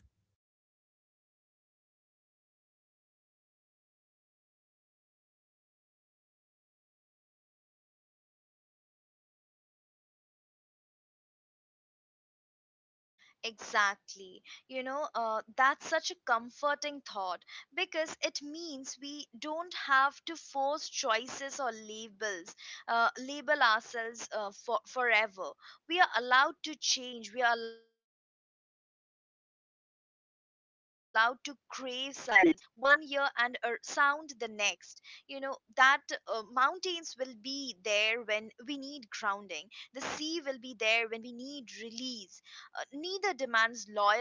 Speaker 1: Exactly. That's such a comforting thought, because it means we don't have to force choices or labels, label ourselves forever. We are allowed to change, we are allowed to crave silence one year and sound the next. You know, that mountains will be there when we need grounding, the sea will be there when we need release. Neither demands loyalty, only honesty.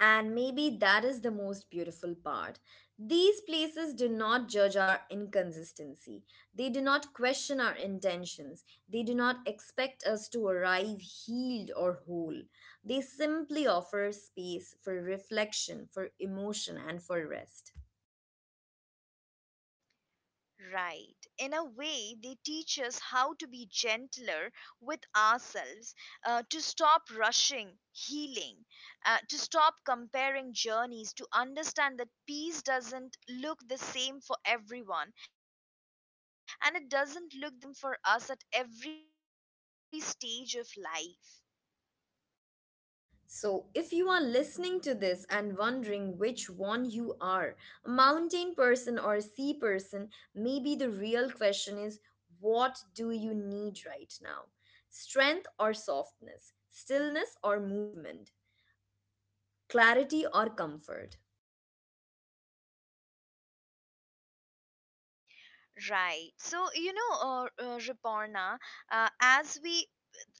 Speaker 2: And maybe that is the most beautiful part. These places do not judge our inconsistency. They do not question our intentions. They do not expect us to arrive healed or whole. They simply offer space for reflection, for emotion, and for rest.
Speaker 1: Right. In a way, they teach us how to be gentler with ourselves, to stop rushing healing, to stop comparing journeys, to understand that peace doesn't look the same for everyone and it doesn't look the same for us at every stage of life.
Speaker 2: So, if you are listening to this and wondering which one you are, a mountain person or a sea person, maybe the real question is, what do you need right now? Strength or softness? Stillness or movement? Clarity or comfort?
Speaker 1: Right. Riporna, as we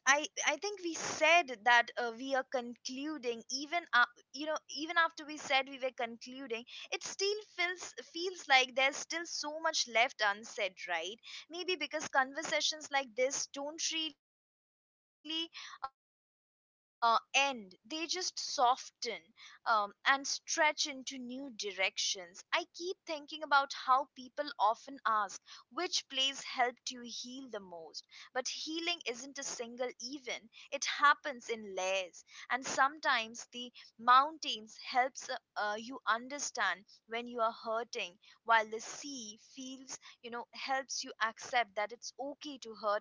Speaker 1: I think we said that we are concluding, even you know even after we said we were concluding, it still feels like there's still so much left unsaid, right? Maybe because conversations like this don't really end, they just soften and stretch into new directions. I keep thinking about how people often ask which place helped you heal the most, but healing isn't a single event, it happens in layers. And sometimes the mountains helps you understand when you are hurting, while the sea feels you know helps you accept that it's okay to hurt in the first place.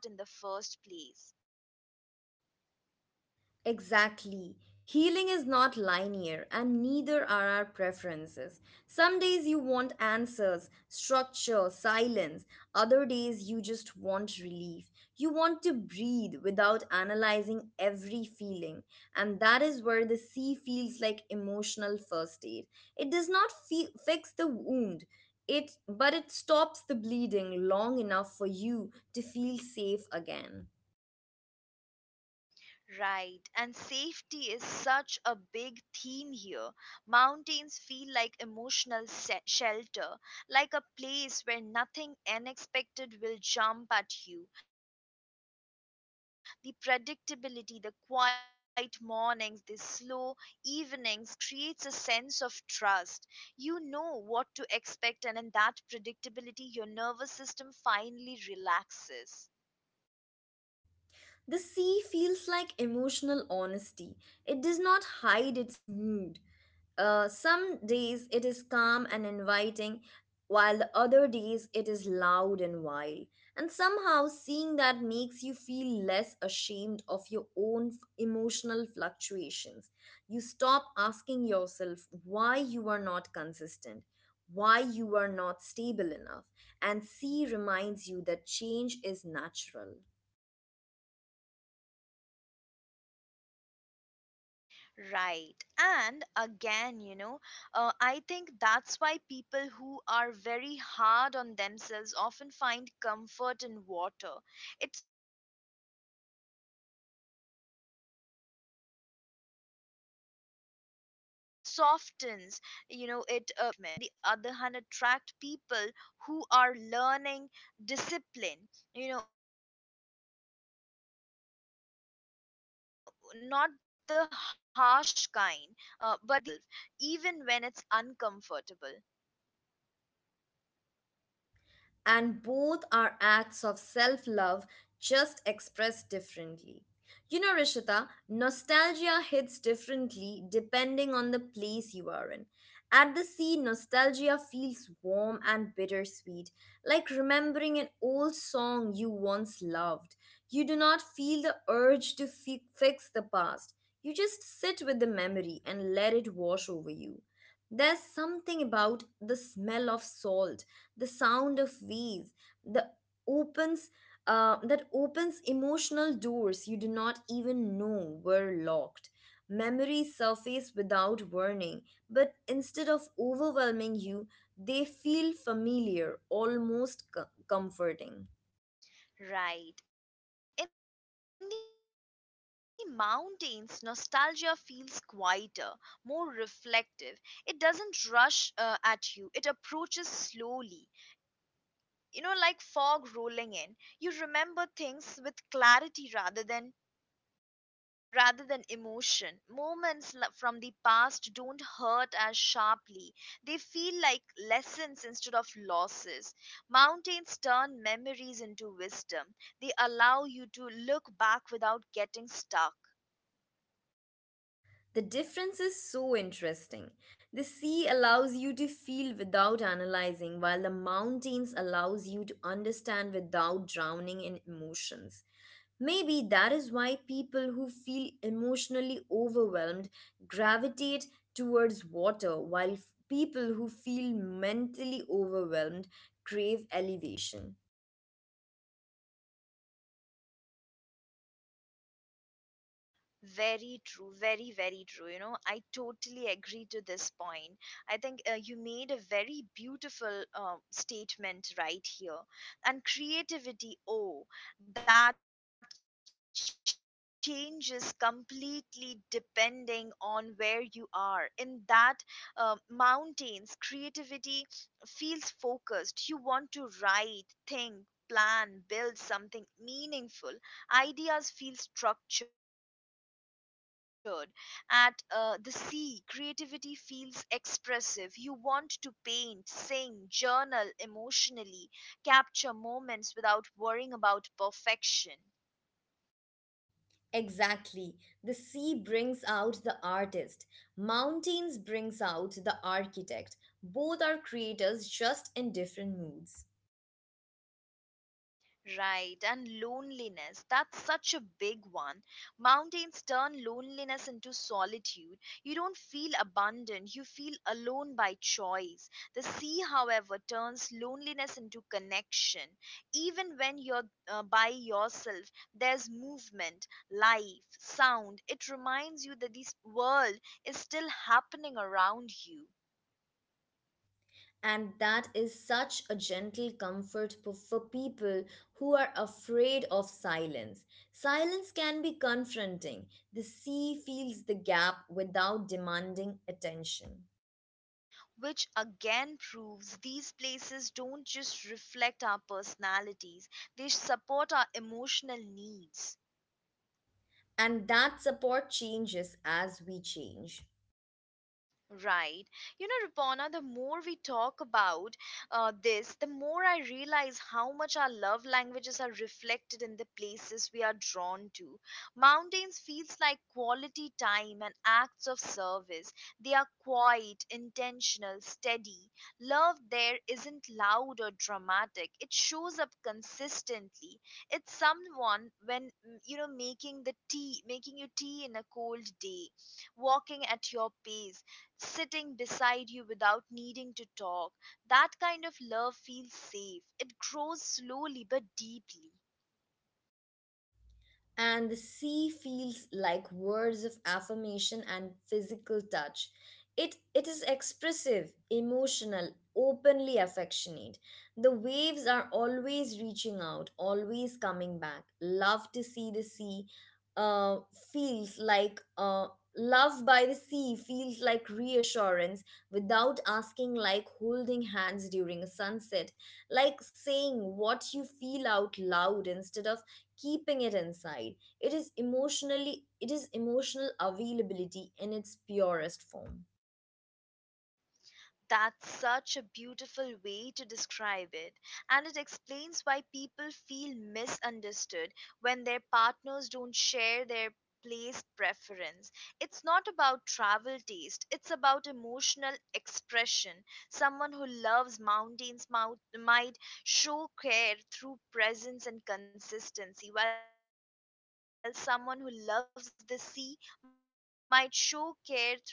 Speaker 2: Exactly. Healing is not linear, and neither are our preferences. Some days you want answers, structure, silence. Other days you just want relief. You want to breathe without analyzing every feeling. And that is where the sea feels like emotional first aid. It does not fix the wound. It stops the bleeding long enough for you to feel safe again.
Speaker 1: Right, and safety is such a big theme here. Mountains feel like emotional shelter, like a place where nothing unexpected will jump at you. The predictability, the quiet mornings, the slow evenings creates a sense of trust. You know what to expect, and in that predictability, your nervous system finally relaxes.
Speaker 2: The sea feels like emotional honesty. It does not hide its mood. Some days it is calm and inviting, while the other days it is loud and wild. And somehow seeing that makes you feel less ashamed of your own emotional fluctuations. You stop asking yourself why you are not consistent, why you are not stable enough. And C reminds you that change is natural.
Speaker 1: Right. And again, you know, I think that's why people who are very hard on themselves often find comfort in water. It softens, you know, it it just on the other hand, mountains on the other hand, it softens the self judgment. Mountains on the other hand attract people who are learning discipline, you know, not the harsh kind, but the self respecting kind, the kind where you show up for yourself
Speaker 2: And both
Speaker 1: even when
Speaker 2: are
Speaker 1: it's
Speaker 2: acts of self
Speaker 1: uncomfortable.
Speaker 2: love, just expressed differently. You know, Rishita, nostalgia hits differently depending on the place you are in. At the sea, nostalgia feels warm and bittersweet, like remembering an old song you once loved. You do not feel the urge to fix the past. You just sit with the memory and let it wash over you. There's something about the smell of salt, the sound of wheels, the opens that opens emotional doors you do not even know were locked. Memories surface without warning, but instead of overwhelming you, they feel familiar, almost comforting.
Speaker 1: Right. In the mountains, nostalgia feels quieter, more reflective. It doesn't rush at you, it approaches slowly. You know, like fog rolling in. You remember things with clarity rather than rather than emotion. From the past don't hurt as sharply, they feel like lessons instead of losses. Mountains turn memories into wisdom, they allow you to look back without getting stuck.
Speaker 2: The difference is so interesting. The sea allows you to feel without analyzing, while the mountains allows you to understand without drowning in emotions. Maybe that is why people who feel emotionally overwhelmed gravitate towards water, while people who feel mentally overwhelmed crave elevation.
Speaker 1: Very true, very, very true. You know, I totally agree to this point. I think you made a very beautiful statement right here. And creativity, oh, that changes completely depending on where you are. In that mountains, creativity feels focused. You want to write, think, plan, build something meaningful. Ideas feel structured at the sea, creativity feels expressive. You want to paint, sing, journal emotionally, capture moments without worrying about perfection.
Speaker 2: Exactly. The sea brings out the artist. Mountains brings out the architect. Both are creators, just in different moods.
Speaker 1: Right, and loneliness. That's such a big one. Mountains turn loneliness into solitude. You don't feel abandoned, you feel alone by choice. The sea, however, turns loneliness into connection. Even when you're by yourself, there's movement, life, sound. It reminds you that this world is still happening around you.
Speaker 2: And that is such a gentle comfort for people who are afraid of silence. Silence can be confronting. The sea fills the gap without demanding attention.
Speaker 1: Which again proves these places don't just reflect our personalities, they support our emotional needs.
Speaker 2: And that support changes as we change.
Speaker 1: Right. You know, Rupana, the more we talk about this, the more I realize how much our love languages are reflected in the places we are drawn to. Mountains feels like quality time and acts of service. They are quiet, intentional, steady. Love there isn't loud or dramatic. It shows up consistently. It's someone when you know, making the tea, making you tea in a cold day, walking at your pace, sitting beside you without needing to talk. That kind of love feels safe. It grows slowly but deeply.
Speaker 2: And the sea feels like words of affirmation and physical touch. It is expressive, emotional, openly affectionate. The waves are always reaching out, always coming back. Love to see the sea uh, feels like love by the sea feels like reassurance without asking, like holding hands during a sunset, like saying what you feel out loud instead of keeping it inside. It is emotional availability in its purest form.
Speaker 1: That's such a beautiful way to describe it, and it explains why people feel misunderstood when their partners don't share their place preference. It's not about travel taste, it's about emotional expression. Someone who loves might show care through presence and consistency, while someone who loves the sea might show care through affection and reassurance.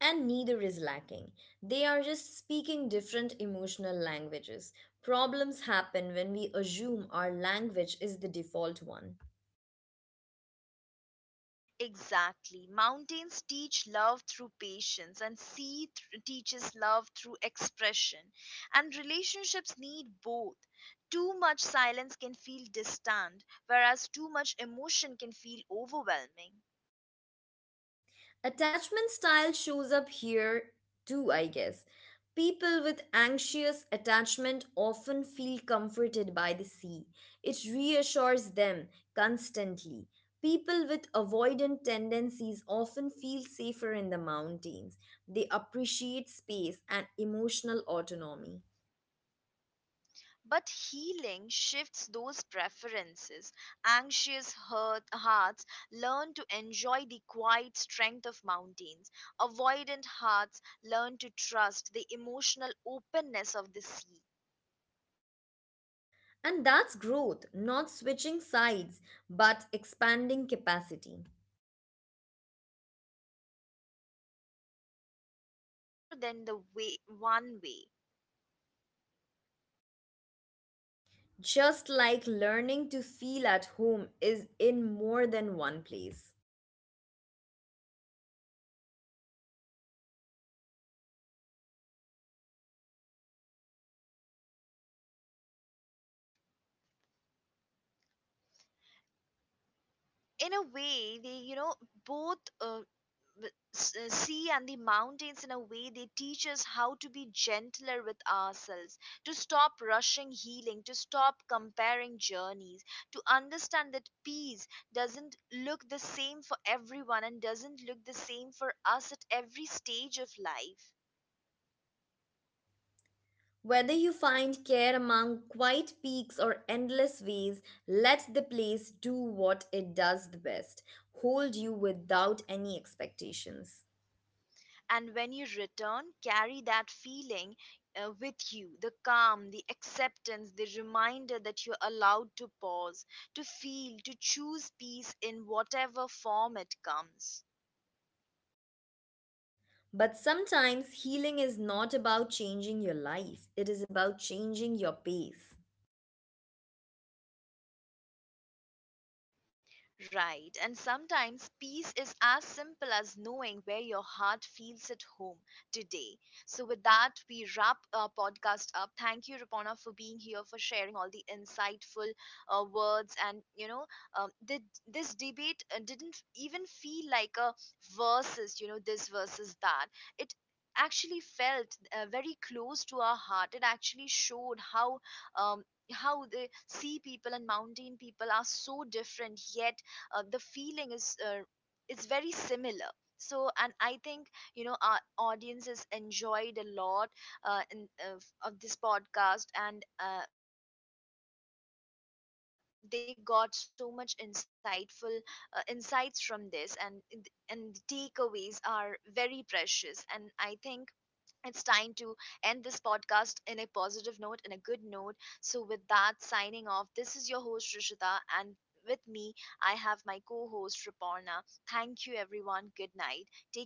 Speaker 2: And neither is lacking. They are just speaking different emotional languages. Problems happen when we assume our language is the default one.
Speaker 1: Exactly. Mountains teach love through patience, and teaches love through expression. And relationships need both. Too much silence can feel distant, whereas too much emotion can feel overwhelming.
Speaker 2: Attachment style shows up here too, I guess. People with anxious attachment often feel comforted by the sea. It reassures them constantly. People with avoidant tendencies often feel safer in the mountains. They appreciate space and emotional autonomy.
Speaker 1: But healing shifts those preferences. Anxious hurt, hearts learn to enjoy the quiet strength of mountains. Avoidant hearts learn to trust the emotional openness of the sea.
Speaker 2: And that's growth, not switching sides, but expanding capacity.
Speaker 1: Learning to receive love in, is more than the way, one way.
Speaker 2: Just like learning to feel at home is in more than one place.
Speaker 1: Now, as we now move to the end of the podcast, whatever your answer is, just in a way, they you know both sea and the mountains in a way they teach us how to be gentler with ourselves, to stop rushing healing, to stop comparing journeys, to understand that peace doesn't look the same for everyone and doesn't look the same for us at every stage of life.
Speaker 2: Whether you find care among quiet peaks or endless ways, let the place do what it does the best, hold you without any expectations.
Speaker 1: And when you return, carry that feeling with you, the calm, the acceptance, the reminder that you're allowed to pause, to feel, to choose peace in whatever form it comes.
Speaker 2: But sometimes healing is not about changing your life, it is about changing your pace.
Speaker 1: Right, and sometimes peace is as simple as knowing where your heart feels at home today. So, with that, we wrap our podcast up. Thank you, Rapona, for being here, for sharing all the insightful words. And, you know, um, the, this debate didn't even feel like a versus, you know, this versus that. It actually felt very close to our heart. It actually showed um, how the sea people and mountain people are so different, yet the feeling is very similar. So and I think, you know, our audience has enjoyed a lot, uh, in, of this podcast, and they got so much insightful insights from this, and the takeaways are very precious, and I think it's time to end this podcast in a positive note, in a good note. So, with that, signing off, this is your host, Rishita, and with me, I have my co host, Raporna. Thank you, everyone. Good night. Take care of yourself.